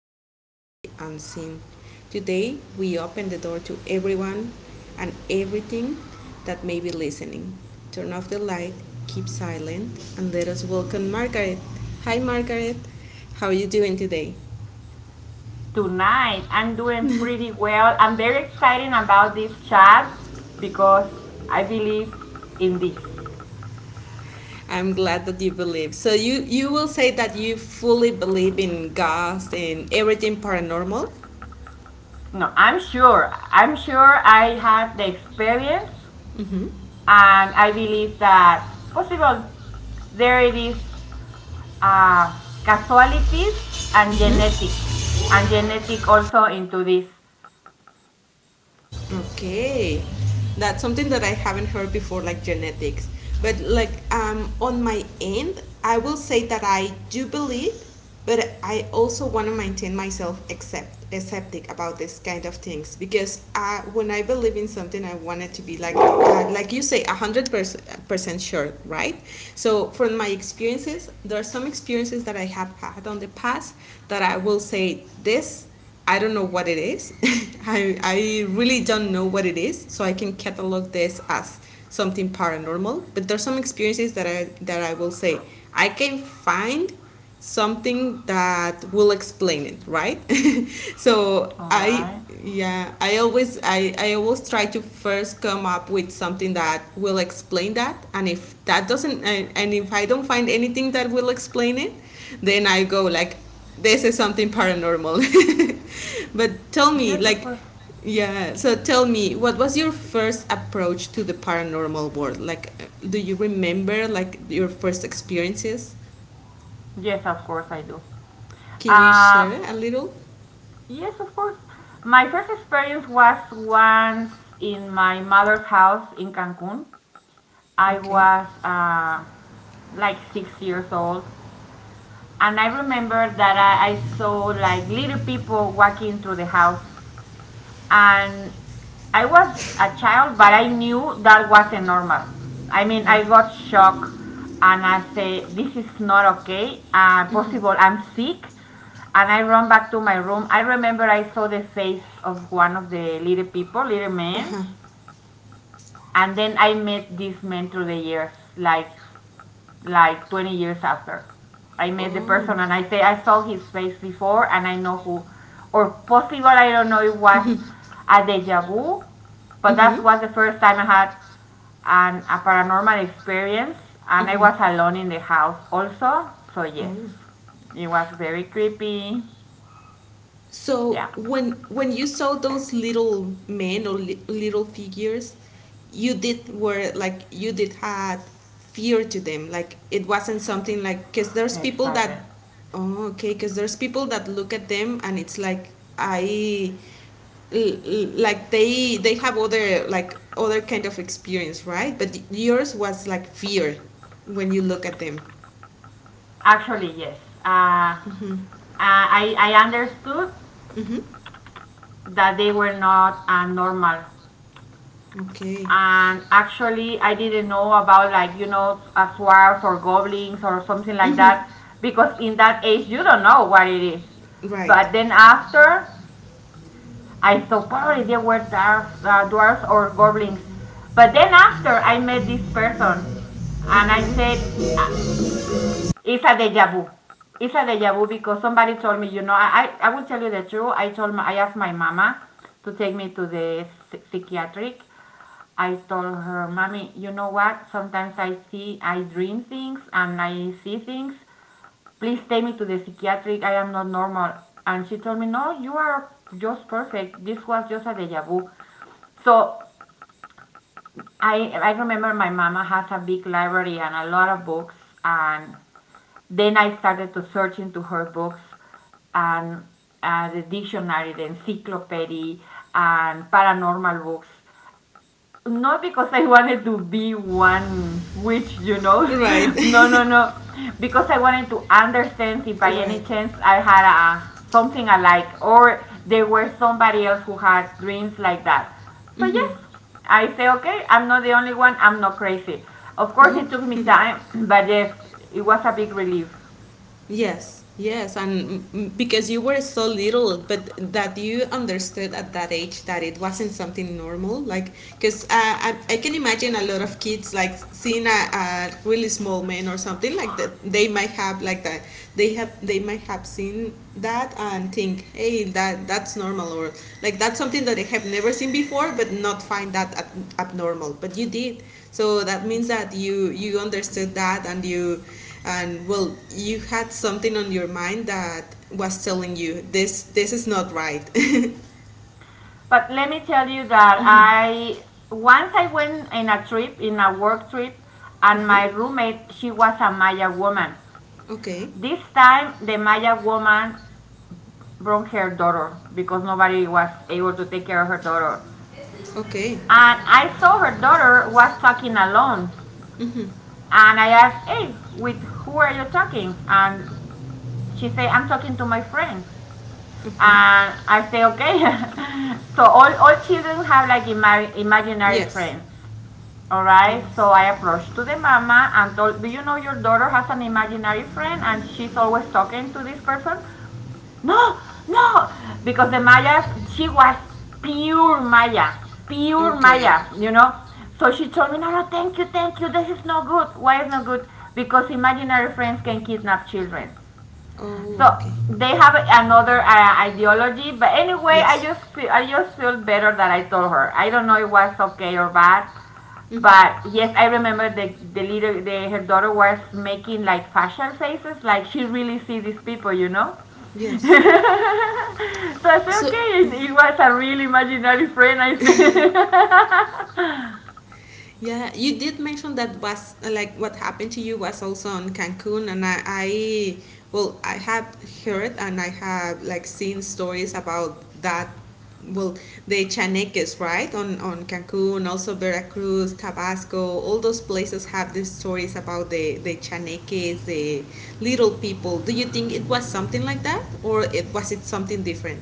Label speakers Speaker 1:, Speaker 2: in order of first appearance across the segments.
Speaker 1: answers in the unseen. Today, we open the door to everyone and everything that may be listening. Turn off the light, keep silent, and let us welcome Margaret. Hi, Margaret. How are you doing today?
Speaker 2: Tonight I'm doing pretty well. I'm very excited about this chat because I believe in this.
Speaker 1: I'm glad that you believe. So you will say that you fully believe in ghosts and everything paranormal?
Speaker 2: No, I'm sure. I'm sure I had the experience and I believe that possible there it is uh, casualties and genetic and genetic also into this.
Speaker 1: Okay, that's something that I haven't heard before, like genetics. But like on my end, I will say that I do believe, but I also want to maintain myself accept skeptic about this kind of things because when I believe in something, I want it to be like you say, 100% sure, right? So from my experiences, there are some experiences that I have had on the past that I will say this, I don't know what it is. I really don't know what it is, so I can catalog this as something paranormal. But there's some experiences that I will say I can find something that will explain it, right? so
Speaker 2: All
Speaker 1: I
Speaker 2: right.
Speaker 1: yeah, I always try to first come up with something that will explain that, and if that doesn't, and if I don't find anything that will explain it, then I go like this is something paranormal. but tell me
Speaker 2: Yes, of
Speaker 1: like
Speaker 2: course.
Speaker 1: yeah, so tell me, what was your first approach to the paranormal world, like do you remember like your first experiences?
Speaker 2: Yes, of course I do.
Speaker 1: Can you
Speaker 2: Uh,
Speaker 1: share a little?
Speaker 2: Yes, of course. My first experience was once in my mother's house in Cancun. I
Speaker 1: Okay.
Speaker 2: was like 6 years old, and I remember that I saw like little people walking through the house, and I was a child, but I knew that wasn't normal. I mean, I
Speaker 1: Right.
Speaker 2: got shocked, and I say, "This is not okay. Possible, I'm sick." And I run back to my room. I remember I saw the face of one of the little people, little man, and then I met this man through the years, like 20 years after. I met the
Speaker 1: Oh.
Speaker 2: person and I say I saw his face before and I know who, or possible I don't know, it was a deja vu, but
Speaker 1: Mm-hmm.
Speaker 2: that was the first time I had an, a paranormal experience, and I was alone in the house also. So yes,
Speaker 1: Oh.
Speaker 2: it was very creepy.
Speaker 1: So
Speaker 2: Yeah,
Speaker 1: when you saw those little men or little figures, you did had fear to them. Like, it wasn't something like, because there's people
Speaker 2: exactly.
Speaker 1: that... Oh, okay, because there's people that look at them and it's like I l- like they have other like other kind of experience, right? But yours was like fear when you look at them.
Speaker 2: Actually, yes. Uh, I understood
Speaker 1: Mm-hmm.
Speaker 2: that they were not normal.
Speaker 1: Okay.
Speaker 2: And actually, I didn't know about, like, you know, swarms or goblins or something like that, because in that age you don't know what it is.
Speaker 1: Right.
Speaker 2: But then after, I thought probably they were dwarf, dwarfs or goblins. But then after, I met this person, and I said, "Ah, it's a deja vu. It's a deja vu because somebody told me, you know, I will tell you the truth. I asked my mama to take me to the psychiatric. I told her, Mommy, you know what? Sometimes I dream things and I see things. Please take me to the psychiatric. I am not normal. And she told me, No, you are just perfect. This was just a deja vu. So I remember my mama has a big library and a lot of books. And then I started to search into her books and the dictionary, the encyclopedia, and paranormal books. Not because I wanted to be one witch, you know. No, no,
Speaker 1: Right.
Speaker 2: no. Because I wanted to understand if by any
Speaker 1: Right.
Speaker 2: chance I had a something alike, or there were somebody else who had dreams like that. So, yes, I say, okay, I'm not the only one, I'm not crazy. Of course, it
Speaker 1: Oh,
Speaker 2: took me time, but yes, it was a big relief.
Speaker 1: yes, yes, and because you were so little, but that you understood at that age that it wasn't something normal. Like, because I can imagine a lot of kids like seeing a really small man or something like that. They might have like that. They might have seen that and think, hey, that's normal, or like that's something that they have never seen before, but not find that abnormal. But you did, so that means that you understood that, and you, and well, you had something on your mind that was telling you this is not right.
Speaker 2: But let me tell you that
Speaker 1: Mhm.
Speaker 2: I once I went in a trip, in a work trip, and my
Speaker 1: Uh-huh.
Speaker 2: roommate, she was a Maya woman.
Speaker 1: Okay.
Speaker 2: This time, the Maya woman brought her daughter because nobody was able to take care of her daughter.
Speaker 1: Okay.
Speaker 2: And I saw her daughter was talking alone. And I asked, hey, with who are you talking? And she said, I'm talking to my friend. And I say, okay. So all children have like imaginary
Speaker 1: Yes.
Speaker 2: friends. All right.
Speaker 1: Yes.
Speaker 2: So I approached to the mama and told, do you know your daughter has an imaginary friend and she's always talking to this person? No, no, because the Mayas, she was pure Maya, pure
Speaker 1: Okay.
Speaker 2: Maya, you know. So she told me, no, no, thank you, thank you. This is no good. Why is no good? Because imaginary friends can kidnap children.
Speaker 1: Oh,
Speaker 2: So
Speaker 1: okay.
Speaker 2: they have another ideology. But anyway,
Speaker 1: Yes.
Speaker 2: I just feel better that I told her. I don't know if it was okay or bad.
Speaker 1: Mm-hmm.
Speaker 2: But yes, I remember the little the her daughter was making like facial faces, like she really see these people, you know.
Speaker 1: Yes.
Speaker 2: So I said,
Speaker 1: So,
Speaker 2: okay, it was a real imaginary friend. I said.
Speaker 1: yeah, you did mention that was like what happened to you was also in Cancun, and I well, I have heard and I have like seen stories about that. Well, the chaneques, right? On Cancun, also Veracruz, Tabasco, all those places have these stories about the chaneques, the little people. Do you think it was something like that, or it was it something different?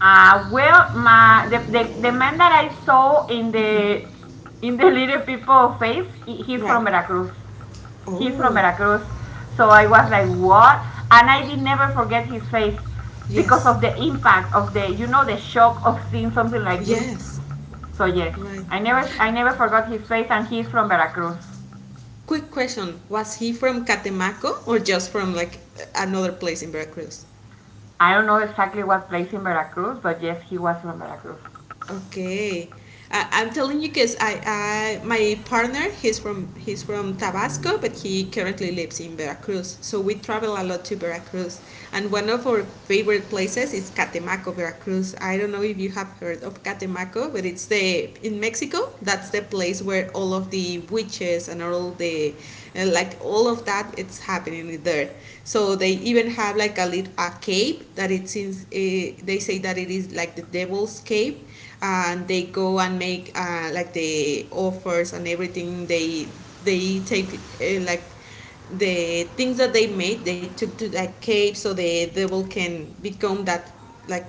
Speaker 2: Well, my the man that I saw
Speaker 1: Hmm.
Speaker 2: in the little people face, he's
Speaker 1: Right.
Speaker 2: from Veracruz. He's from
Speaker 1: Oh,
Speaker 2: Veracruz. So I was like, what? And I did never forget his face because
Speaker 1: yes,
Speaker 2: of the impact of the, you know, the shock of seeing something like this.
Speaker 1: yes,
Speaker 2: So yes,
Speaker 1: right.
Speaker 2: I never forgot his face, and he's from Veracruz.
Speaker 1: Quick question: was he from Catemaco or just from like another place in Veracruz?
Speaker 2: I don't know exactly what place in Veracruz, but yes, he was from Veracruz.
Speaker 1: Okay. I'm telling you because I my partner, he's from Tabasco, but he currently lives in Veracruz, so we travel a lot to Veracruz. And one of our favorite places is Catemaco, Veracruz. I don't know if you have heard of Catemaco, but it's the in Mexico, that's the place where all of the witches and all the like, all of that, it's happening there. So they even have like a cave that it's in, they say that it is like the devil's cave, and they go and make, like, the offers and everything. They take, like, the things that they made, they took to that cave so the devil can become that, like,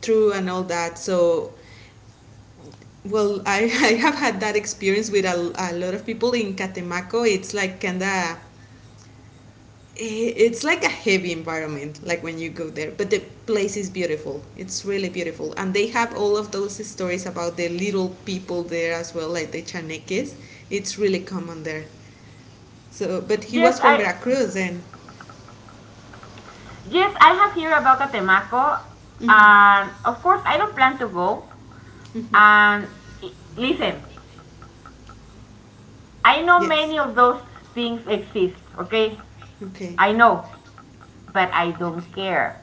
Speaker 1: true, and all that. So, well, I have had that experience with a lot of people in Catemaco. It's like kinda, it's like a heavy environment, like when you go there, but the place is beautiful. It's really beautiful, and they have all of those stories about the little people there as well, like the chaneques. It's really common there. So, but he
Speaker 2: Yes,
Speaker 1: was from
Speaker 2: I,
Speaker 1: Veracruz, and
Speaker 2: yes, I have heard about Catemaco,
Speaker 1: hmm,
Speaker 2: and of course, I don't plan to go. And listen, I know
Speaker 1: yes,
Speaker 2: many of those things exist. Okay,
Speaker 1: okay,
Speaker 2: I know, but I don't care.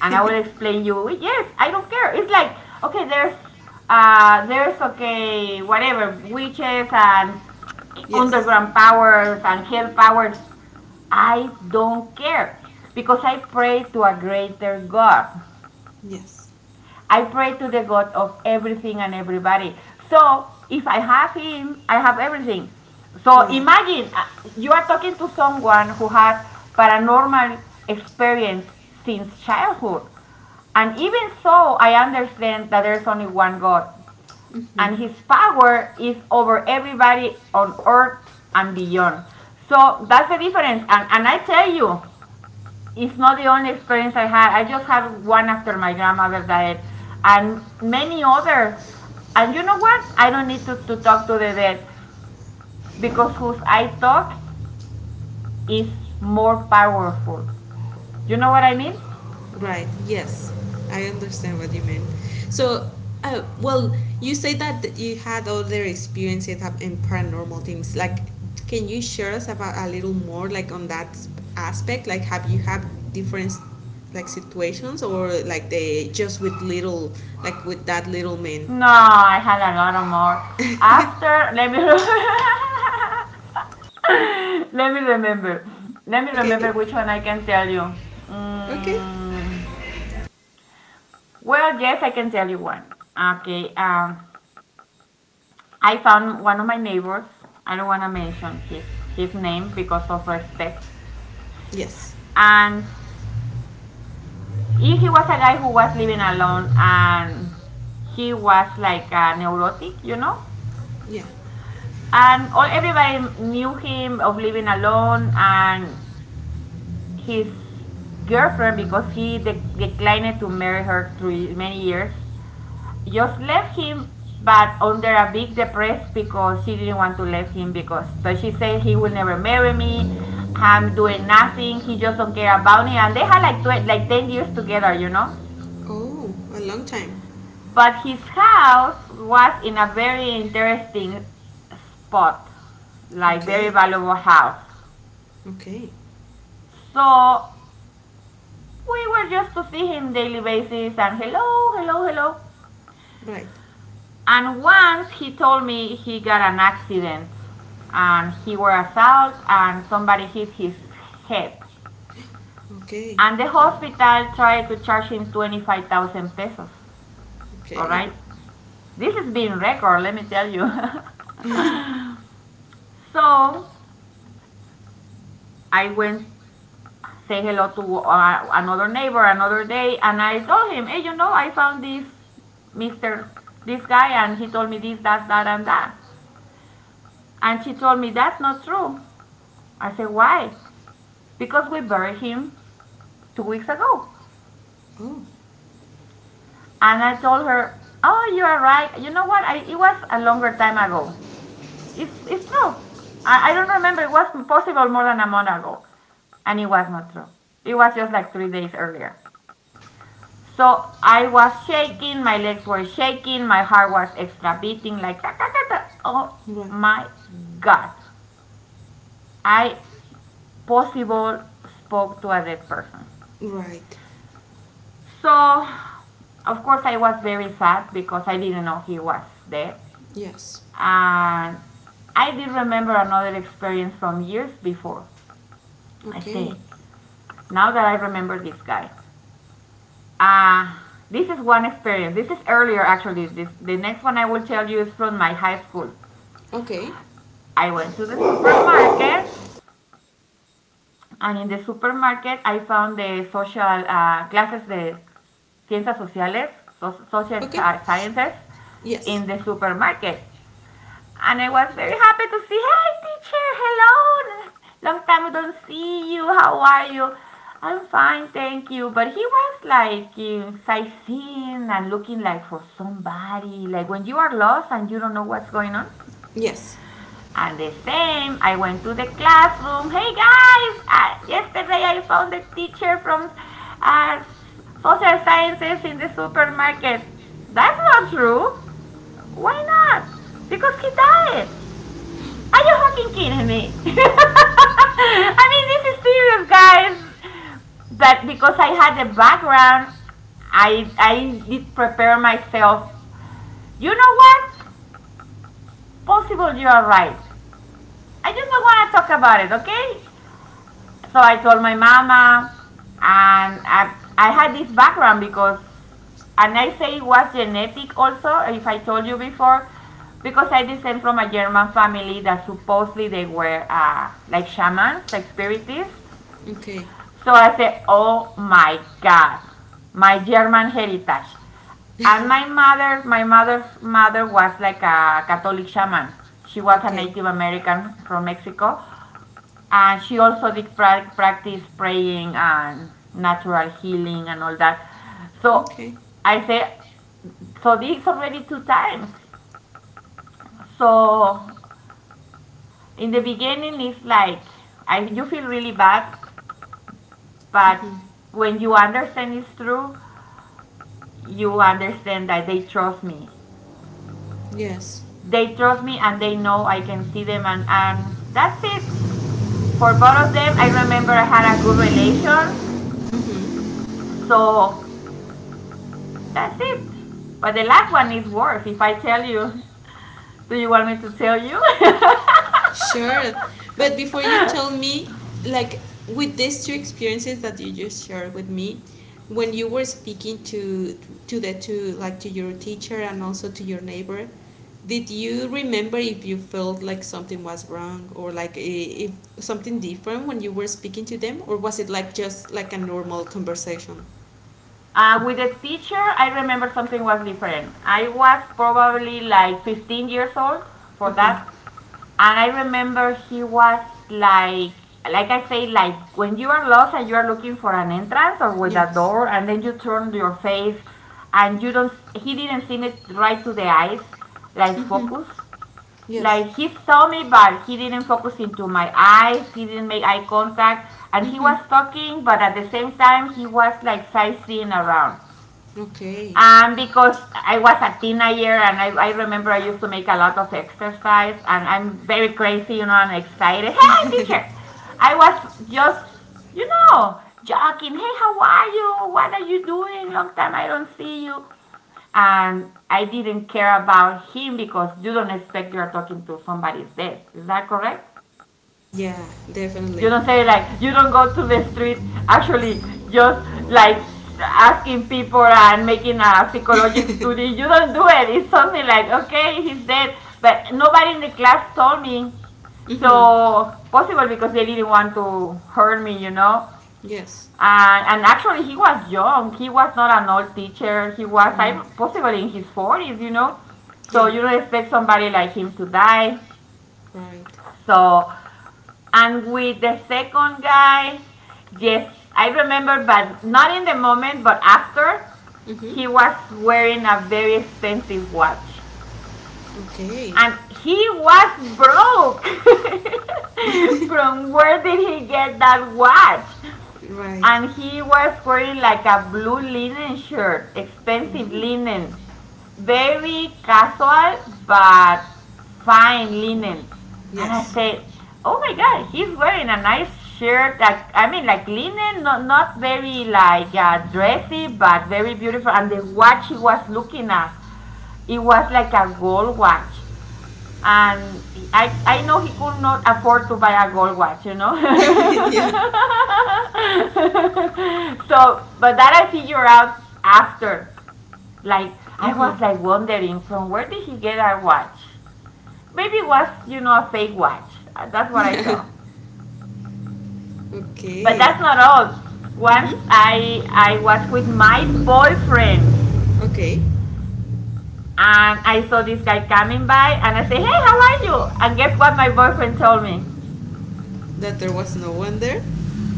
Speaker 2: And I will explain you. Yes, I don't care. It's like, okay, there's okay, whatever witches and
Speaker 1: yes,
Speaker 2: underground powers and hell powers. I don't care because I pray to a greater God.
Speaker 1: yes,
Speaker 2: I pray to the God of everything and everybody. So if I have Him, I have everything. So
Speaker 1: right.
Speaker 2: imagine you are talking to someone who has paranormal experience since childhood. And even so, I understand that there's only one God, and
Speaker 1: Hmm.
Speaker 2: His power is over everybody on earth and beyond. So that's the difference. And I tell you, it's not the only experience I had. I just had one after my grandmother died, and many others. And you know what? I don't need to talk to the dead because whose I talk is more powerful. You know what I mean?
Speaker 1: Right. Yes, I understand what you mean. So, well, you say that you had other experiences in paranormal things. Like, can you share us about a little more, like on that aspect? Like, have you had different, like, situations, or like they just with little, like with that little man?
Speaker 2: No, I had a lot of more. After, let me let me remember. Let me
Speaker 1: Okay.
Speaker 2: remember which one I can tell you.
Speaker 1: Okay.
Speaker 2: Mm, well, yes, I can tell you one. Okay. I found one of my neighbors. I don't want to mention his name because of respect.
Speaker 1: Yes.
Speaker 2: And he was a guy who was living alone, and he was like a neurotic, you know.
Speaker 1: Yeah.
Speaker 2: And all everybody knew him of living alone, and his girlfriend, because he declined to marry her through many years, just left him, but under a big depressed because she didn't want to leave him because but she said he will never marry me. I'm doing nothing. He just don't care about me. And they had like like 10 years together, you know.
Speaker 1: Oh, a long time.
Speaker 2: But his house was in a very interesting spot, like very
Speaker 1: Okay.
Speaker 2: valuable house.
Speaker 1: Okay.
Speaker 2: So we were just to see him daily basis and hello, hello, hello.
Speaker 1: Right.
Speaker 2: And once he told me he got an accident and he were assaulted and somebody hit his head.
Speaker 1: Okay.
Speaker 2: And the hospital tried to charge him 25,000 pesos. All
Speaker 1: Okay.
Speaker 2: right? This has been record, let me tell you. So I went say hello to another neighbor another day and I told him, hey, you know, I found this Mr. this guy and he told me this, that, that, and that. And she told me that's not true. I said, why? Because we buried him 2 weeks ago.
Speaker 1: Oh,
Speaker 2: And I told her, oh, you are right. You know what? I, it was a longer time ago. It's true. I don't remember. It was possible more than a month ago. And it was not true. It was just like 3 days earlier. So I was shaking, my legs were shaking, my heart was extra beating like ta ta ta ta. Oh
Speaker 1: right.
Speaker 2: my God. I possible spoke to a dead person.
Speaker 1: Right.
Speaker 2: So, of course, I was very sad because I didn't know he was dead.
Speaker 1: Yes.
Speaker 2: And I did remember another experience from years before. I say,
Speaker 1: Okay.
Speaker 2: now that I remember this guy. Uh, this is one experience. This is earlier, actually. This, the next one I will tell you is from my high school.
Speaker 1: Okay.
Speaker 2: I went to the supermarket, and in the supermarket, I found the social classes de ciencias sociales, social
Speaker 1: Okay.
Speaker 2: sciences,
Speaker 1: Yes.
Speaker 2: in the supermarket. And I was very happy to see, hey, teacher, hello. Long time we don't see you. How are you? I'm fine, thank you. But he was like sightseeing and looking like for somebody, like when you are lost and you don't know what's going on.
Speaker 1: Yes.
Speaker 2: And the same, I went to the classroom. Hey guys, yesterday I found a teacher from uh, social sciences in the supermarket. That's not true. Why not? Because he died. Are you fucking kidding me? I mean, this is serious, guys. But because I had the background, I did prepare myself. You know what? Possible you are right. I just don't want to talk about it, okay? So I told my mama, and I had this background because, and I say it was genetic also, if I told you before, because I descend from a German family that supposedly they were like shamans, like spiritists.
Speaker 1: Okay.
Speaker 2: So I said, oh my God, my German heritage. And my mother, my mother's mother was like a Catholic shaman. She was a
Speaker 1: Okay.
Speaker 2: Native American from Mexico. And she also did practice praying and natural healing and all that. So
Speaker 1: Okay.
Speaker 2: I said, so this already two times. So in the beginning, it's like you feel really bad, but
Speaker 1: Mm-hmm.
Speaker 2: when you understand it's true, you understand that they trust me.
Speaker 1: Yes.
Speaker 2: They trust me and they know I can see them, and that's it. For both of them, I remember I had a good relation.
Speaker 1: Mm-hmm.
Speaker 2: So that's it. But the last one is worse. If I tell you, do you want me to tell you?
Speaker 1: Sure. But before you tell me, like, with these two experiences that you just shared with me, when you were speaking to the to like to your teacher and also to your neighbor, did you remember if you felt like something was wrong, or like, if something different when you were speaking to them, or was it like just like a normal conversation?
Speaker 2: With the teacher, I remember something was different. I was probably like 15 years old for
Speaker 1: Mhm.
Speaker 2: that. And I remember he was like, like I say, like when you are lost and you are looking for an entrance or with a
Speaker 1: Yes.
Speaker 2: door, and then you turn your face and you don't, he didn't see me right to the eyes, like
Speaker 1: Mhm.
Speaker 2: focus.
Speaker 1: Yes.
Speaker 2: Like he saw me, but he didn't focus into my eyes. He didn't make eye contact, and he was
Speaker 1: Mhm.
Speaker 2: talking, but at the same time, he was like sightseeing around.
Speaker 1: Okay.
Speaker 2: And because I was a teenager, and I remember I used to make a lot of exercise, and I'm very crazy, you know, and excited. Hey, teacher! I was just, you know, joking. Hey, how are you? What are you doing? Long time I don't see you, and I didn't care about him because you don't expect you're talking to somebody's death. Is that correct?
Speaker 1: Yeah,
Speaker 2: You
Speaker 1: definitely.
Speaker 2: don't say, like, you don't go to the street actually just like asking people and making a psychologic study. You don't do it. It's something like, okay, he's dead, but nobody in the class told me.
Speaker 1: Mhm.
Speaker 2: So possible because they didn't want to hurt me, you know.
Speaker 1: Yes.
Speaker 2: And actually, he was young. He was not an old teacher. He was
Speaker 1: Uh,
Speaker 2: possibly in his 40s, you know. So
Speaker 1: yeah,
Speaker 2: you don't expect somebody like him to die.
Speaker 1: right.
Speaker 2: So, and with the second guy, yes, I remember, but not in the moment, but after,
Speaker 1: Mm-hmm.
Speaker 2: he was wearing a very expensive watch.
Speaker 1: Okay.
Speaker 2: And he was broke. From where did he get that watch?
Speaker 1: right.
Speaker 2: And he was wearing like a blue linen shirt, expensive
Speaker 1: Oh,
Speaker 2: linen, very casual but fine linen. And I
Speaker 1: yes.
Speaker 2: said, "Oh my God, he's wearing a nice shirt. Like I mean, like linen, not not very like dressy, but very beautiful." And the watch he was looking at, it was like a gold watch, and I know he could not afford to buy a gold watch, you know.
Speaker 1: yeah.
Speaker 2: So, but that I figure out after. Like I was
Speaker 1: Mm-hmm.
Speaker 2: like wondering, from where did he get that watch? Maybe it was, you know, a fake watch. That's what I
Speaker 1: Yeah.
Speaker 2: saw. But
Speaker 1: Okay.
Speaker 2: that's not all. Once
Speaker 1: Mm-hmm.
Speaker 2: I was with my boyfriend
Speaker 1: Okay.
Speaker 2: and I saw this guy coming by and I say, hey, how are you? And guess what my boyfriend told me?
Speaker 1: That there was no one there?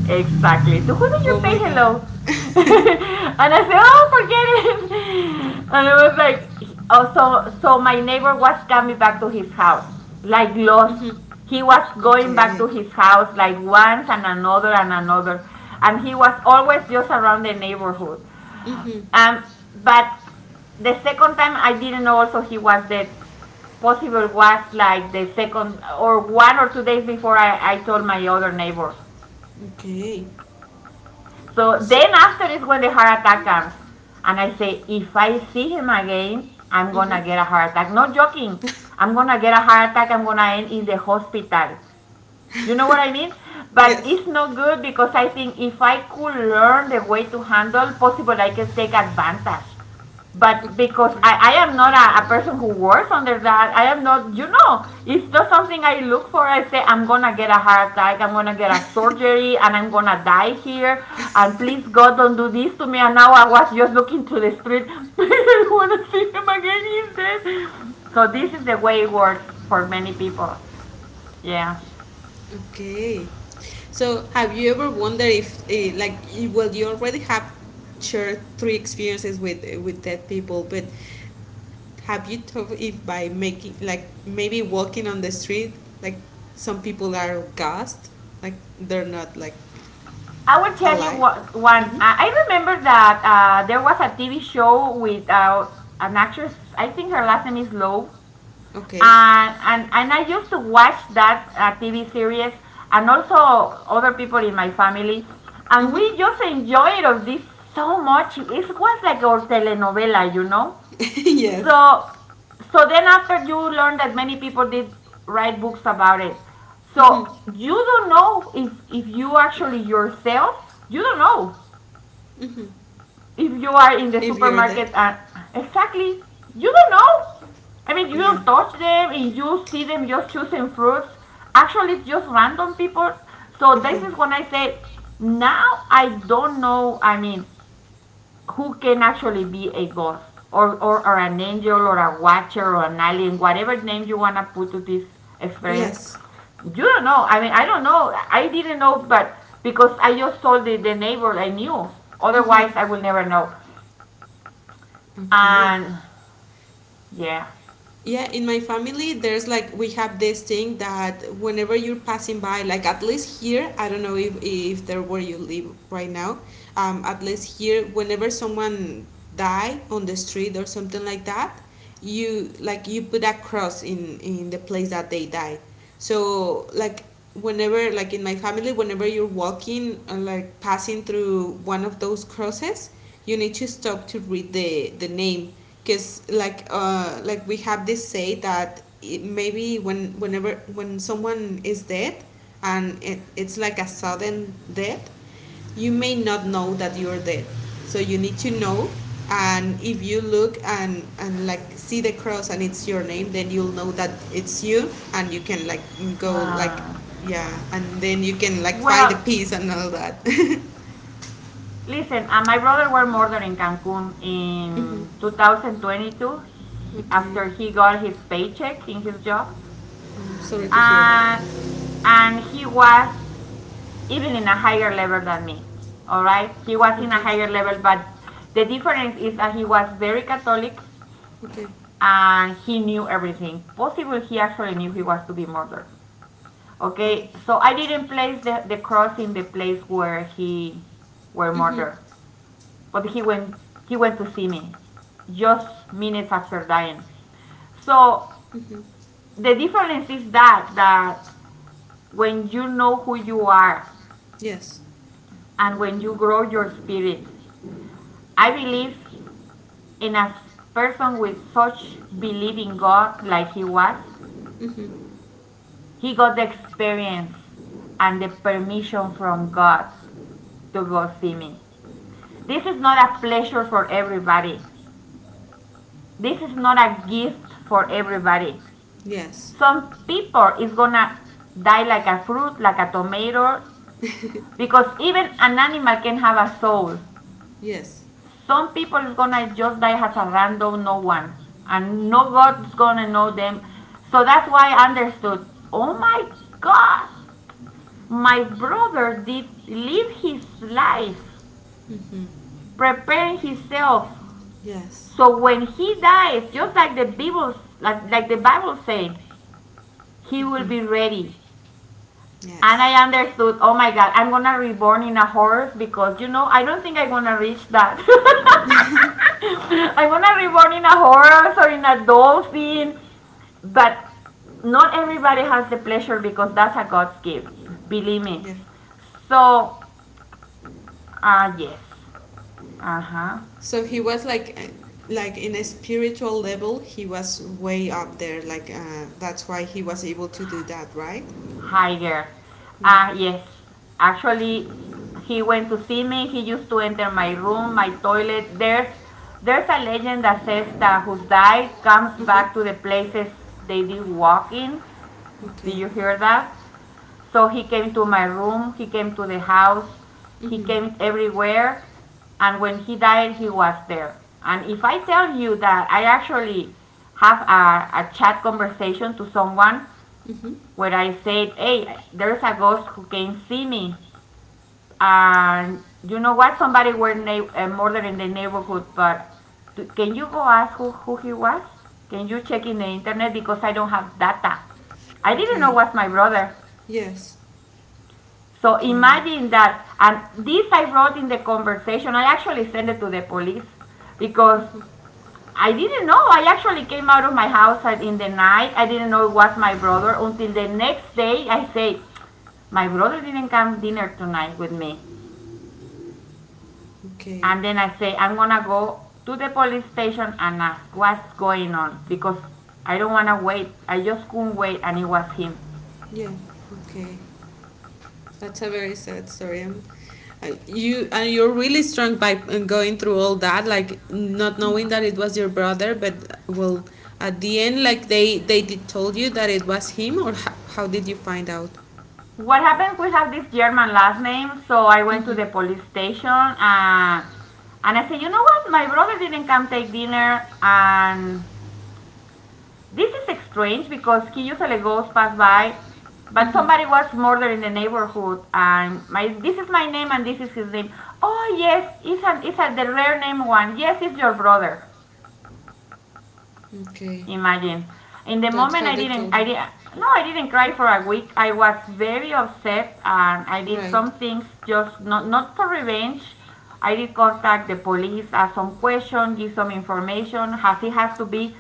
Speaker 2: Exactly. To who did you
Speaker 1: Oh
Speaker 2: say
Speaker 1: my
Speaker 2: hello?
Speaker 1: god.
Speaker 2: And I said, oh, forget it. And it was like, also, so my neighbor was coming back to his house, like lost.
Speaker 1: Mm-hmm.
Speaker 2: He was going back
Speaker 1: Okay.
Speaker 2: to his house like once and another and another. And he was always just around the neighborhood.
Speaker 1: Mm-hmm.
Speaker 2: Um, but the second time I didn't know also he was dead. Possible was like the second or 1 or 2 days before I told my other neighbor.
Speaker 1: Okay.
Speaker 2: So
Speaker 1: So.
Speaker 2: then after is when the heart attack comes. And I say, if I see him again, I'm gonna get a
Speaker 1: Mm-hmm.
Speaker 2: heart attack. Not joking. I'm gonna get a heart attack. I'm gonna end in the hospital. You know what I mean? But
Speaker 1: yes.
Speaker 2: it's not good because I think if I could learn the way to handle, possible I can take advantage.
Speaker 1: Okay.
Speaker 2: But because
Speaker 1: Yeah.
Speaker 2: I am not a person who works under that, I am not, you know, it's not something I look for. I say, I'm going to get a heart attack, I'm going to get a surgery, and I'm going to die here. And please, God, don't do this to me. And now I was just looking to the street. Please, I don't want to see him again. He's dead. So this is the way it works for many people. Yeah.
Speaker 1: Okay. So, have you ever wondered if, like, well, you already have shared three experiences with, with dead people, but have you thought if by making, like, maybe walking on the street, like, some people are ghosts, like they're not like
Speaker 2: I will tell you
Speaker 1: alive?
Speaker 2: what, one.
Speaker 1: Mm-hmm.
Speaker 2: I remember that there was a TV show with an actress. I think her last name is Lowe,
Speaker 1: Okay.
Speaker 2: and and I used to watch that TV series, and also other people in my family, and
Speaker 1: Mm-hmm.
Speaker 2: we just enjoyed of this so much. It was like our telenovela, you know.
Speaker 1: yes.
Speaker 2: So, so then after you learn that many people did write books about it,
Speaker 1: Mm-hmm.
Speaker 2: so you don't know if you actually yourself, you don't know
Speaker 1: Mm-hmm.
Speaker 2: if you are in the
Speaker 1: If you're dead.
Speaker 2: supermarket and exactly you don't know. I mean, you
Speaker 1: Yeah.
Speaker 2: don't touch them and you see them just choosing fruits. Actually, it's just random people. So this
Speaker 1: Uh-huh.
Speaker 2: is when I say, now I don't know. I mean, who can actually be a ghost or an angel or a watcher or an alien, whatever name you want to put to this experience.
Speaker 1: Yes.
Speaker 2: You don't know. I mean, I don't know. I didn't know, but because I just told the neighbor I knew.
Speaker 1: Mm-hmm.
Speaker 2: Otherwise, I will never know.
Speaker 1: Okay.
Speaker 2: And yeah.
Speaker 1: Yeah, in my family there's like, we have this thing that whenever you're passing by, like, at least here, I don't know if, there where you live right now, at least here, whenever someone die on the street or something like that, you put a cross in the place that they died. So, like, whenever, like, in my family, whenever you're walking and like passing through one of those crosses, you need to stop to read the name, because like like, we have this say that, maybe when when someone is dead, and it's like a sudden death, you may not know that you're dead, so you need to know. And if you look and like see the cross and it's your name, then you'll know that it's you, and you can like go like...
Speaker 2: Uh,
Speaker 1: Yeah, and then you can like find the
Speaker 2: well,
Speaker 1: peace and all that.
Speaker 2: listen, my brother was murdered in Cancun
Speaker 1: Hmm.
Speaker 2: in 2022,
Speaker 1: Okay.
Speaker 2: after he got his paycheck in his job.
Speaker 1: I Sorry to hear
Speaker 2: Uh,
Speaker 1: that.
Speaker 2: and he was even in a higher level than me. All right, he was in a
Speaker 1: Okay.
Speaker 2: higher level, but the difference is that he was very Catholic
Speaker 1: Okay.
Speaker 2: and he knew everything. Possible he actually knew he was to be murdered.
Speaker 1: Oh.
Speaker 2: Okay, so I didn't place the cross in the place where he were
Speaker 1: Mm-hmm.
Speaker 2: murdered, but he went to see me just minutes after dying. So
Speaker 1: Mm-hmm.
Speaker 2: the difference is that when you know who you are
Speaker 1: Yes.
Speaker 2: and when you grow your spirit, I believe. And as person with such belief in God like he was,
Speaker 1: Mm-hmm.
Speaker 2: he got the experience and the permission from God to go see me. This is not a pleasure for everybody. This is not a gift for everybody.
Speaker 1: Yes.
Speaker 2: Some people is gonna die like a fruit, like a tomato, because even an animal can have a soul.
Speaker 1: Yes.
Speaker 2: Some people is gonna just die as a random no one, and no God's gonna know them. So that's why I understood. Oh my God, my brother did live his life,
Speaker 1: Mm-hmm.
Speaker 2: preparing himself.
Speaker 1: Yes.
Speaker 2: So when he dies, just like the Bible, like the Bible said, he will
Speaker 1: Mm-hmm.
Speaker 2: be ready. And
Speaker 1: Yes.
Speaker 2: I understood, oh my God, I'm gonna reborn in a horse because you know I don't think I'm gonna reach that. I'm gonna reborn in a horse or in a dolphin, but not everybody has the pleasure because that's a God's gift. Believe me.
Speaker 1: Yeah.
Speaker 2: So yes. Uh-huh.
Speaker 1: So he was like, like, in a spiritual level, he was way up there. Like, that's why he was able to do that, right?
Speaker 2: Hi there.
Speaker 1: Yeah.
Speaker 2: Ah, yes. Actually, he went to see me. He used to enter my room, my toilet. There's a legend that says that who's died comes
Speaker 1: Uh huh.
Speaker 2: back to the places they did walk in. Did
Speaker 1: Okay.
Speaker 2: you hear that? So he came to my room. He came to the house. He
Speaker 1: Mhm.
Speaker 2: came everywhere. And when he died, he was there. And if I tell you that I actually have a chat conversation to someone,
Speaker 1: Mhm.
Speaker 2: where I said, "Hey, there's a ghost who can see me." And you know what? Somebody were murdered in the neighborhood, but can you go ask who he was? Can you check in the internet because I don't have data. I didn't know it
Speaker 1: Okay.
Speaker 2: was my brother.
Speaker 1: Yes.
Speaker 2: So
Speaker 1: Okay.
Speaker 2: imagine that. And this I wrote in the conversation. I actually sent it to the police because
Speaker 1: Mhm.
Speaker 2: I didn't know. I actually came out of my house in the night. I didn't know it was my brother until the next day. I say, my brother didn't come dinner tonight with me.
Speaker 1: Okay.
Speaker 2: And then I say, I'm gonna go to the police station and ask what's going on because I don't wanna wait. I just couldn't wait and it was him.
Speaker 1: Yeah. Okay. That's a very sad story. You and you're really strong by, going through all that, like not knowing that it was your brother. But, well, at the end, like, they did told you that it was him, or how did you find out?
Speaker 2: What happened? We have this German last name, so I went to the police station and I said, you know what? My brother didn't come take dinner and this is strange because he usually goes past by, but somebody
Speaker 1: Mm-hmm.
Speaker 2: was murdered in the neighborhood, and my this is my name and this is his name. Oh yes, it's an it's a, the rare name one. Yes, it's your brother.
Speaker 1: Okay,
Speaker 2: Imagine. In the
Speaker 1: that's
Speaker 2: moment,
Speaker 1: how
Speaker 2: I
Speaker 1: they
Speaker 2: didn't.
Speaker 1: told you,
Speaker 2: I did not. No, I didn't cry for a week. I was very upset, and I did
Speaker 1: right?
Speaker 2: some things just not not for revenge. I did contact the police, ask some questions, give some information, as it has to be.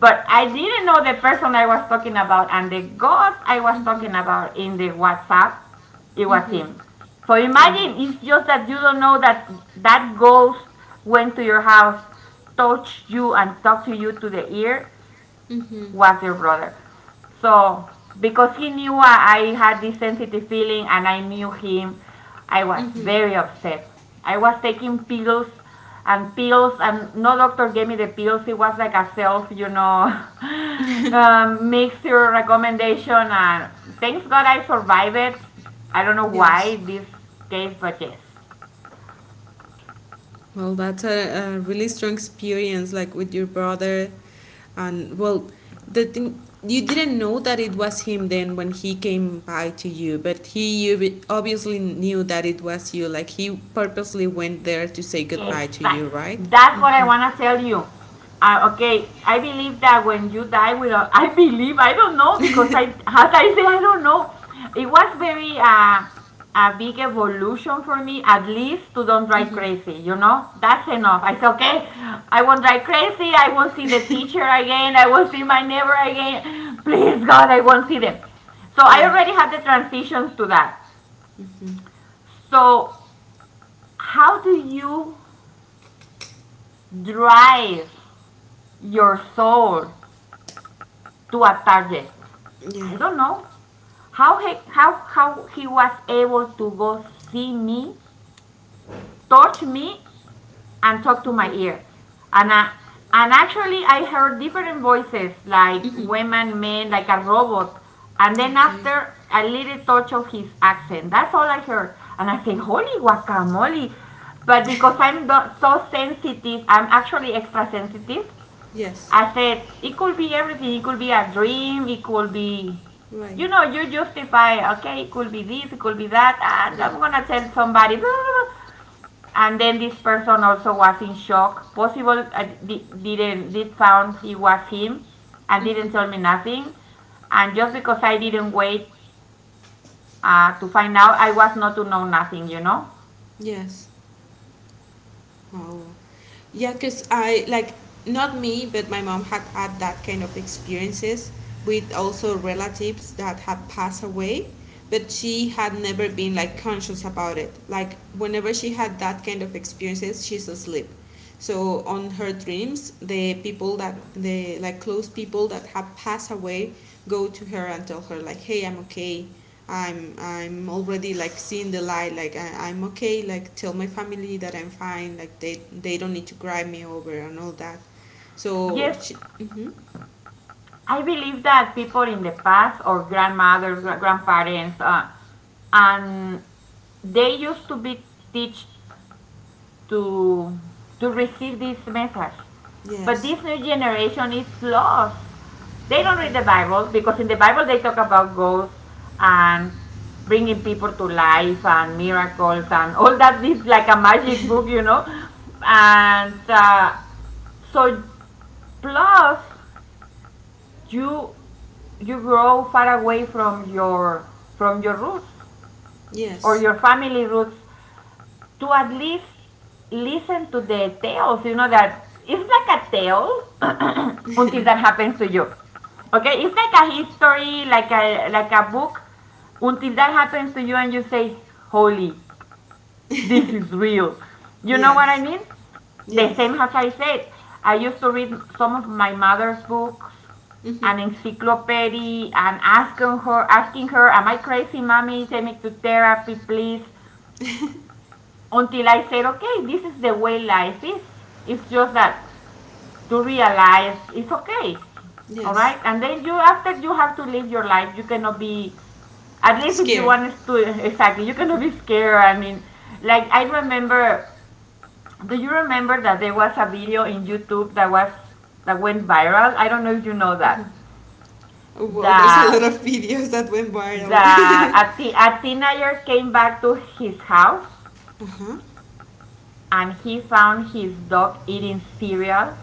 Speaker 2: But I didn't know the person I was talking about, and the ghost I was talking
Speaker 1: Mm-hmm.
Speaker 2: about in the WhatsApp, it was
Speaker 1: Mm-hmm.
Speaker 2: him. So
Speaker 1: Oh.
Speaker 2: imagine, it's just that you don't know that that ghost went to your house, touched you, and talked to you to the ear,
Speaker 1: Mm-hmm.
Speaker 2: was your brother. So because he knew I had this sensitive feeling and I knew him, I was
Speaker 1: Mm-hmm.
Speaker 2: very upset. I was taking pills and pills, and no doctor gave me the pills. It was like a self, mixture recommendation, and thanks God I survived it. I don't know
Speaker 1: Yes.
Speaker 2: why this case, but yes.
Speaker 1: Well, that's a really strong experience, like with your brother. And well, the thing you didn't know that it was him then when he came by to you, but he, obviously knew that it was you. Like, he purposely went there to say goodbye to you,
Speaker 2: Exact.
Speaker 1: right?
Speaker 2: That's what I want to tell you. Okay, I believe that when you die without, I believe, I don't know, because as I say, I don't know. It was very, a big evolution for me, at least to don't drive
Speaker 1: Mm-hmm.
Speaker 2: crazy, you know? That's enough. I said, okay, I won't drive crazy. I won't see the teacher again. I won't see my neighbor again. Please, God, I won't see them. So I
Speaker 1: Yeah.
Speaker 2: already had the transitions to that. So, how do you drive your soul to a target.
Speaker 1: Yeah.
Speaker 2: I don't know how he how he was able to go see me, touch me, and talk to my ear, and I, and actually I heard different voices like women, men, like a robot, and then
Speaker 1: Okay.
Speaker 2: after a little touch of his accent. That's all I heard, and I said, "Holy guacamole!" But because I'm so sensitive, I'm actually extra sensitive.
Speaker 1: Yes.
Speaker 2: I said it could be everything. It could be a dream. It could be,
Speaker 1: Right.
Speaker 2: you know, you justify. Okay, it could be this. It could be that. And
Speaker 1: Yeah.
Speaker 2: I'm gonna tell somebody. And then this person also was in shock. Possible didn't did found it was him, and didn't
Speaker 1: Mm-hmm.
Speaker 2: tell me nothing. And just because I didn't wait to find out, I was not to know nothing. You know.
Speaker 1: Yes. Oh, yeah, because I like not me, but my mom had had that kind of experiences with also relatives that had passed away, but she had never been like conscious about it. Like, whenever she had that kind of experiences, she's asleep. So on her dreams, the, like, close people that have passed away go to her and tell her like, "Hey, I'm okay. I'm already like seeing the light. Like, I'm okay. Like, tell my family that I'm fine. Like, they don't need to cry me over and all that." So
Speaker 2: Yes,
Speaker 1: she, mm-hmm.
Speaker 2: I believe that people in the past or grandmothers, grandparents, and they used to be teach to to receive this message, but
Speaker 1: Yes,
Speaker 2: this new generation is lost. They don't read the bible, because in the bible they talk about ghosts and bringing people to life and miracles, and all that is like a magic book, you know. And so plus you you grow far away from your roots, or
Speaker 1: yes,
Speaker 2: your family roots, to at least listen to the tales, you know, that it's like a tale until that happens to you. Okay, it's like a history, like a book, until that happens to you and you say, "Holy, this is real." You know what I
Speaker 1: yes,
Speaker 2: mean? The
Speaker 1: yes,
Speaker 2: same as I said, I used to read some of my mother's books, an
Speaker 1: mm-hmm.
Speaker 2: encyclopedia, and asking her, "Am I crazy, mommy? Take me to therapy, please." Until I said, okay, this is the way life is. It's just that to realize it's okay. All
Speaker 1: Yes.
Speaker 2: right. And then you, after, you have to live your life, you cannot be, at least if you
Speaker 1: Scared.
Speaker 2: want to, exactly, you cannot be scared. I mean, like, I remember, do you remember that there was a video in YouTube that was, that went viral? I don't know if you know that.
Speaker 1: Well, there's a lot
Speaker 2: That,
Speaker 1: of videos that went viral.
Speaker 2: that a teenager came back to his house
Speaker 1: Uh-huh.
Speaker 2: and he found his dog eating cereal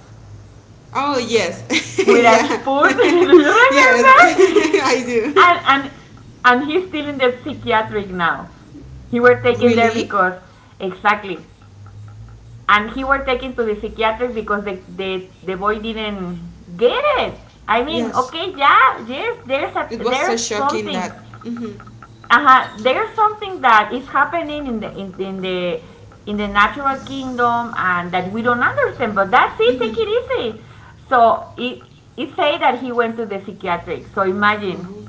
Speaker 1: Oh, yes.
Speaker 2: with a
Speaker 1: yeah.
Speaker 2: spoon. Do you
Speaker 1: yes,
Speaker 2: remember?
Speaker 1: I
Speaker 2: And
Speaker 1: do.
Speaker 2: and and he's still in the psychiatric now. He were taken there
Speaker 1: Really?
Speaker 2: because exactly. And he were taken to the psychiatric because the boy didn't get it. I mean,
Speaker 1: Yes.
Speaker 2: okay, yeah, yes, there's a
Speaker 1: It was so
Speaker 2: there's
Speaker 1: shocking
Speaker 2: something,
Speaker 1: that. Mm-hmm.
Speaker 2: uh-huh. There's something that is happening in the in the natural kingdom and that we don't understand. But that's it. Take
Speaker 1: Mm-hmm.
Speaker 2: it easy. So it say that he went to the psychiatric. So imagine.
Speaker 1: Oh.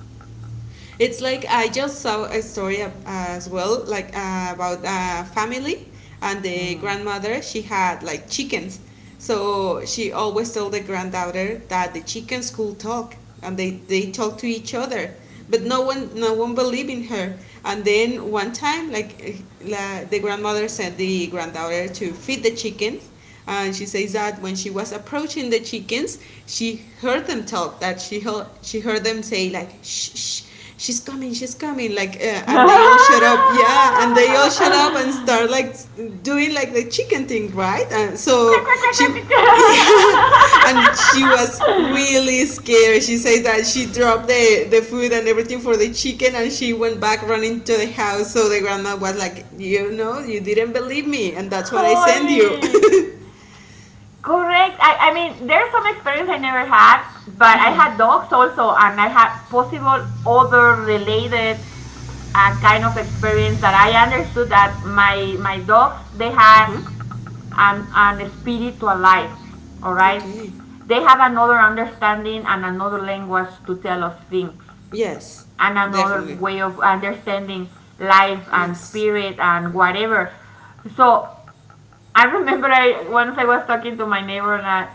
Speaker 1: It's like I just saw a story as well, about a family and the grandmother. She had like chickens, so she always told the granddaughter that the chickens could talk and they talk to each other. But no one believed in her. And then one time, the grandmother sent the granddaughter to feed the chickens, and she says that when she was approaching the chickens, she heard them talk. That she heard them say like shh, shh. She's coming, and they all shut up, yeah, and they all shut up and start like doing like the chicken thing, right? And so she, yeah, and she was really scared. She says that she dropped the food and everything for the chicken and she went back running to the house. So the grandma was like, "You know, you didn't believe me, and that's what I sent you."
Speaker 2: Holy. Correct. I mean, there's some experience I never had, but I
Speaker 1: Mm-hmm.
Speaker 2: had dogs also, and I had possible other related a kind of experience that I understood that my dogs, they have
Speaker 1: Uh-huh.
Speaker 2: an spiritual life. All right,
Speaker 1: Okay.
Speaker 2: they have another understanding and another language to tell us things,
Speaker 1: Yes.
Speaker 2: and another
Speaker 1: Definitely.
Speaker 2: way of understanding life and
Speaker 1: Yes.
Speaker 2: spirit and whatever. So I remember I, once I was talking to my neighbor and, I,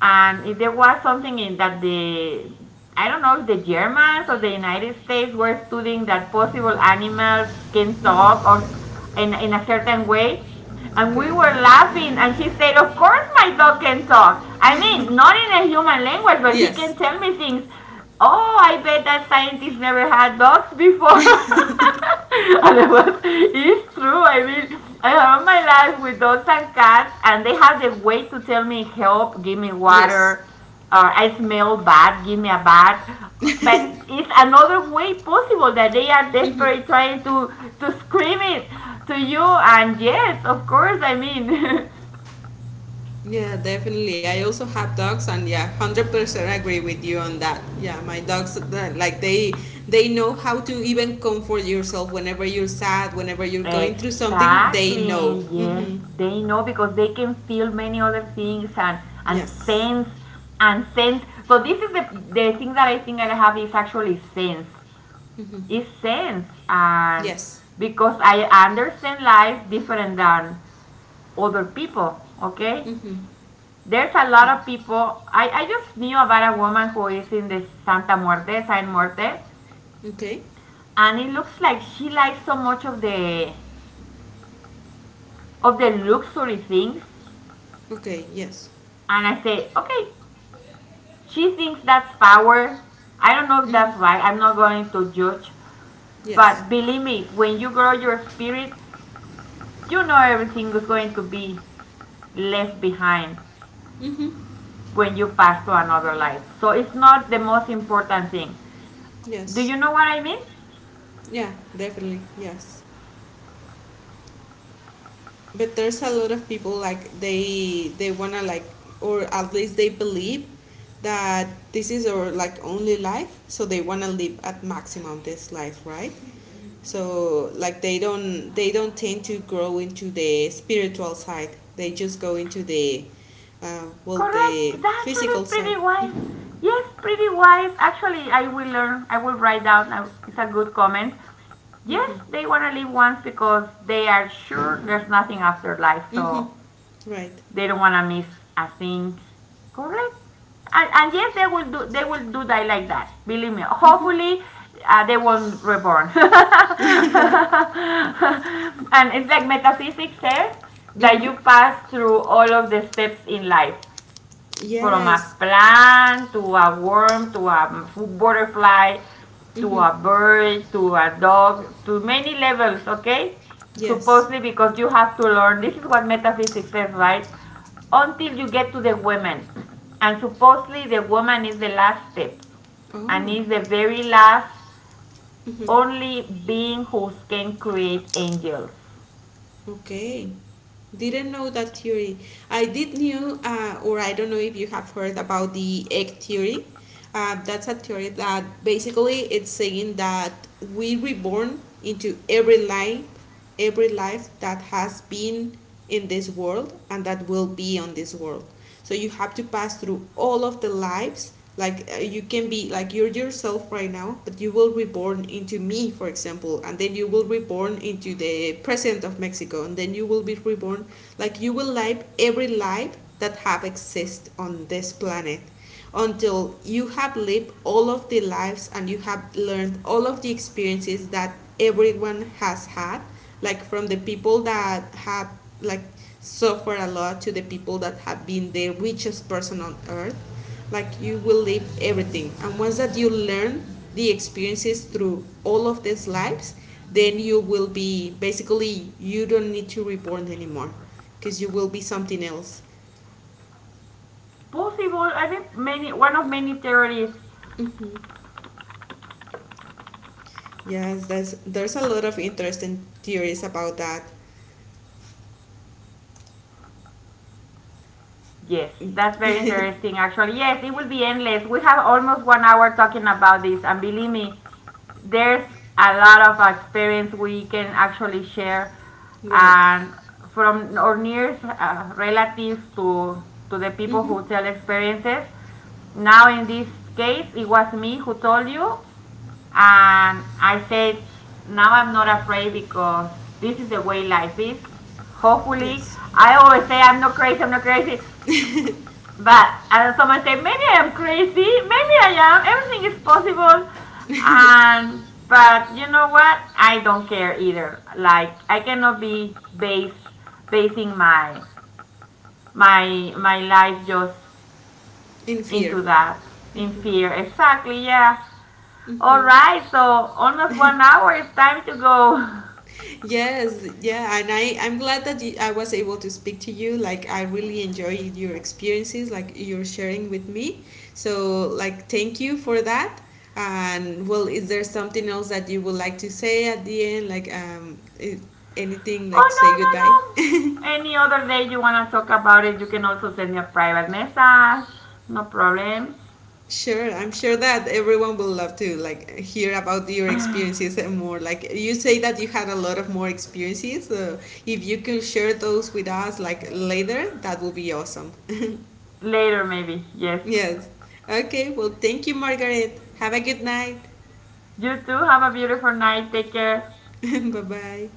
Speaker 2: and there was something in that the, I don't know if the Germans or the United States were studying that possible animals can talk, or in a certain way. And we were
Speaker 1: Okay.
Speaker 2: laughing and she said, of course my dog can talk. I mean, not in a human language, but he
Speaker 1: Yes.
Speaker 2: can tell me things. Oh, I bet that scientists never had dogs before. And it was, it's true. I mean, I have my life with dogs and cats, and they have the way to tell me help, give me
Speaker 1: Yes.
Speaker 2: water, or I smell bad, give me a bath. But it's another way possible that they are desperate trying to scream it to you. And yes, of course, I mean,
Speaker 1: Yeah, definitely. I also have dogs, and yeah, 100% agree with you on that. Yeah, my dogs, that- like they know how to even comfort yourself whenever you're sad, whenever you're going through something. They know.
Speaker 2: Exactly. Yeah.
Speaker 1: Mm-hmm.
Speaker 2: They know because they can feel many other things and
Speaker 1: Yes.
Speaker 2: sense and sense. So this is the thing that I think I have is actually sense.
Speaker 1: Mm-hmm.
Speaker 2: It's sense, and
Speaker 1: Yes.
Speaker 2: because I understand life different than other people. Okay.
Speaker 1: Mm-hmm.
Speaker 2: There's a lot of people. I just knew about a woman who is in the Santa Muerte, San Muerte,
Speaker 1: Okay.
Speaker 2: and it looks like she likes so much of the luxury things.
Speaker 1: Okay. Yes.
Speaker 2: And I said, okay, she thinks that's power. I don't know if that's right. I'm not going to judge. But
Speaker 1: Yes.
Speaker 2: believe me, when you grow your spirit, you know everything is going to be left behind
Speaker 1: Mm-hmm.
Speaker 2: when you pass to another life. So it's not the most important thing. Do
Speaker 1: Yes.
Speaker 2: you know what I mean?
Speaker 1: Yeah, definitely. Yes. But there's a lot of people like they wanna like, or at least they believe that this is our like only life, so they wanna live at maximum this life, right? So like they don't tend to grow into the spiritual side. They just go into the well,
Speaker 2: Correct.
Speaker 1: the
Speaker 2: It's
Speaker 1: physical
Speaker 2: actually
Speaker 1: side.
Speaker 2: pretty wise. Yes, pretty wise. Actually, I will learn. I will write down. It's a good comment. Yes, they want to live once because they are sure there's nothing after life.
Speaker 1: Mhm.
Speaker 2: So
Speaker 1: Right.
Speaker 2: they don't want to miss a thing. Correct? And yes, they will do. They will do that like that. Believe me. Hopefully, they won't reborn. And it's like metaphysics says that
Speaker 1: Mhm.
Speaker 2: you pass through all of the steps in life, from a
Speaker 1: Yes.
Speaker 2: plant to a worm to a butterfly to
Speaker 1: Mhm.
Speaker 2: a bird to a dog, to many levels, okay,
Speaker 1: Yes.
Speaker 2: supposedly, because you have to learn. This is what metaphysics says, right? Until you get to the women, and supposedly the woman is the last step, and
Speaker 1: Oh.
Speaker 2: is the very last
Speaker 1: Mm-hmm.
Speaker 2: only being who can create angels.
Speaker 1: Okay. Didn't know that theory. I did knew, or I don't know if you have heard about the egg theory. That's a theory that basically it's saying that we reborn into every life that has been in this world and that will be on this world, so you have to pass through all of the lives, you can be like you're yourself right now, but you will reborn into me, for example, and then you will reborn into the president of Mexico, and then you will be reborn, like you will live every life that have exist on this planet until you have lived all of the lives and you have learned all of the experiences that everyone has had, like from the people that have like suffered a lot to the people that have been the richest person on earth. Like you will live everything. And once that you learn the experiences through all of these lives, then you will be, basically you don't need to reborn anymore because you will be something else.
Speaker 2: Possible, I think, many, one of many theories.
Speaker 1: Hmm. Yes, there's a lot of interesting theories about that.
Speaker 2: Yes,
Speaker 1: Mm.
Speaker 2: that's very interesting, actually. Yes, it will be endless. We have almost 1 hour talking about this, and believe me, there's a lot of experience we can actually share,
Speaker 1: Right.
Speaker 2: and from our nearest relatives to the people
Speaker 1: Mm-hmm.
Speaker 2: who tell experiences. Now, in this case, it was me who told you, and I said, now I'm not afraid because this is the way life is. Hopefully,
Speaker 1: Yes.
Speaker 2: I always say I'm not crazy, but someone said, maybe I am crazy, maybe I am, everything is possible. And, but you know what? I don't care either. Like, I cannot be basing my life just
Speaker 1: In fear.
Speaker 2: into that, in fear. Exactly, yeah. All
Speaker 1: Mm-hmm.
Speaker 2: right, so almost 1 hour, it's time to go.
Speaker 1: Yes, yeah, and I'm glad that you, I was able to speak to you. Like I really enjoyed your experiences, like you're sharing with me. So like thank you for that. And well, is there something else that you would like to say at the end? Like I- anything like
Speaker 2: Oh,
Speaker 1: to
Speaker 2: no,
Speaker 1: say
Speaker 2: no,
Speaker 1: goodbye?
Speaker 2: no. Any other day you want to talk about it, you can also send me a private message. No problem.
Speaker 1: Sure, I'm sure that everyone will love to like hear about your experiences and more. Like you say that you had a lot of more experiences. So if you could share those with us like later, that would be awesome.
Speaker 2: Later, maybe. Yes.
Speaker 1: Yes. Okay, well thank you Margaret. Have a good night.
Speaker 2: You too. Have a beautiful night. Take care.
Speaker 1: Bye-bye.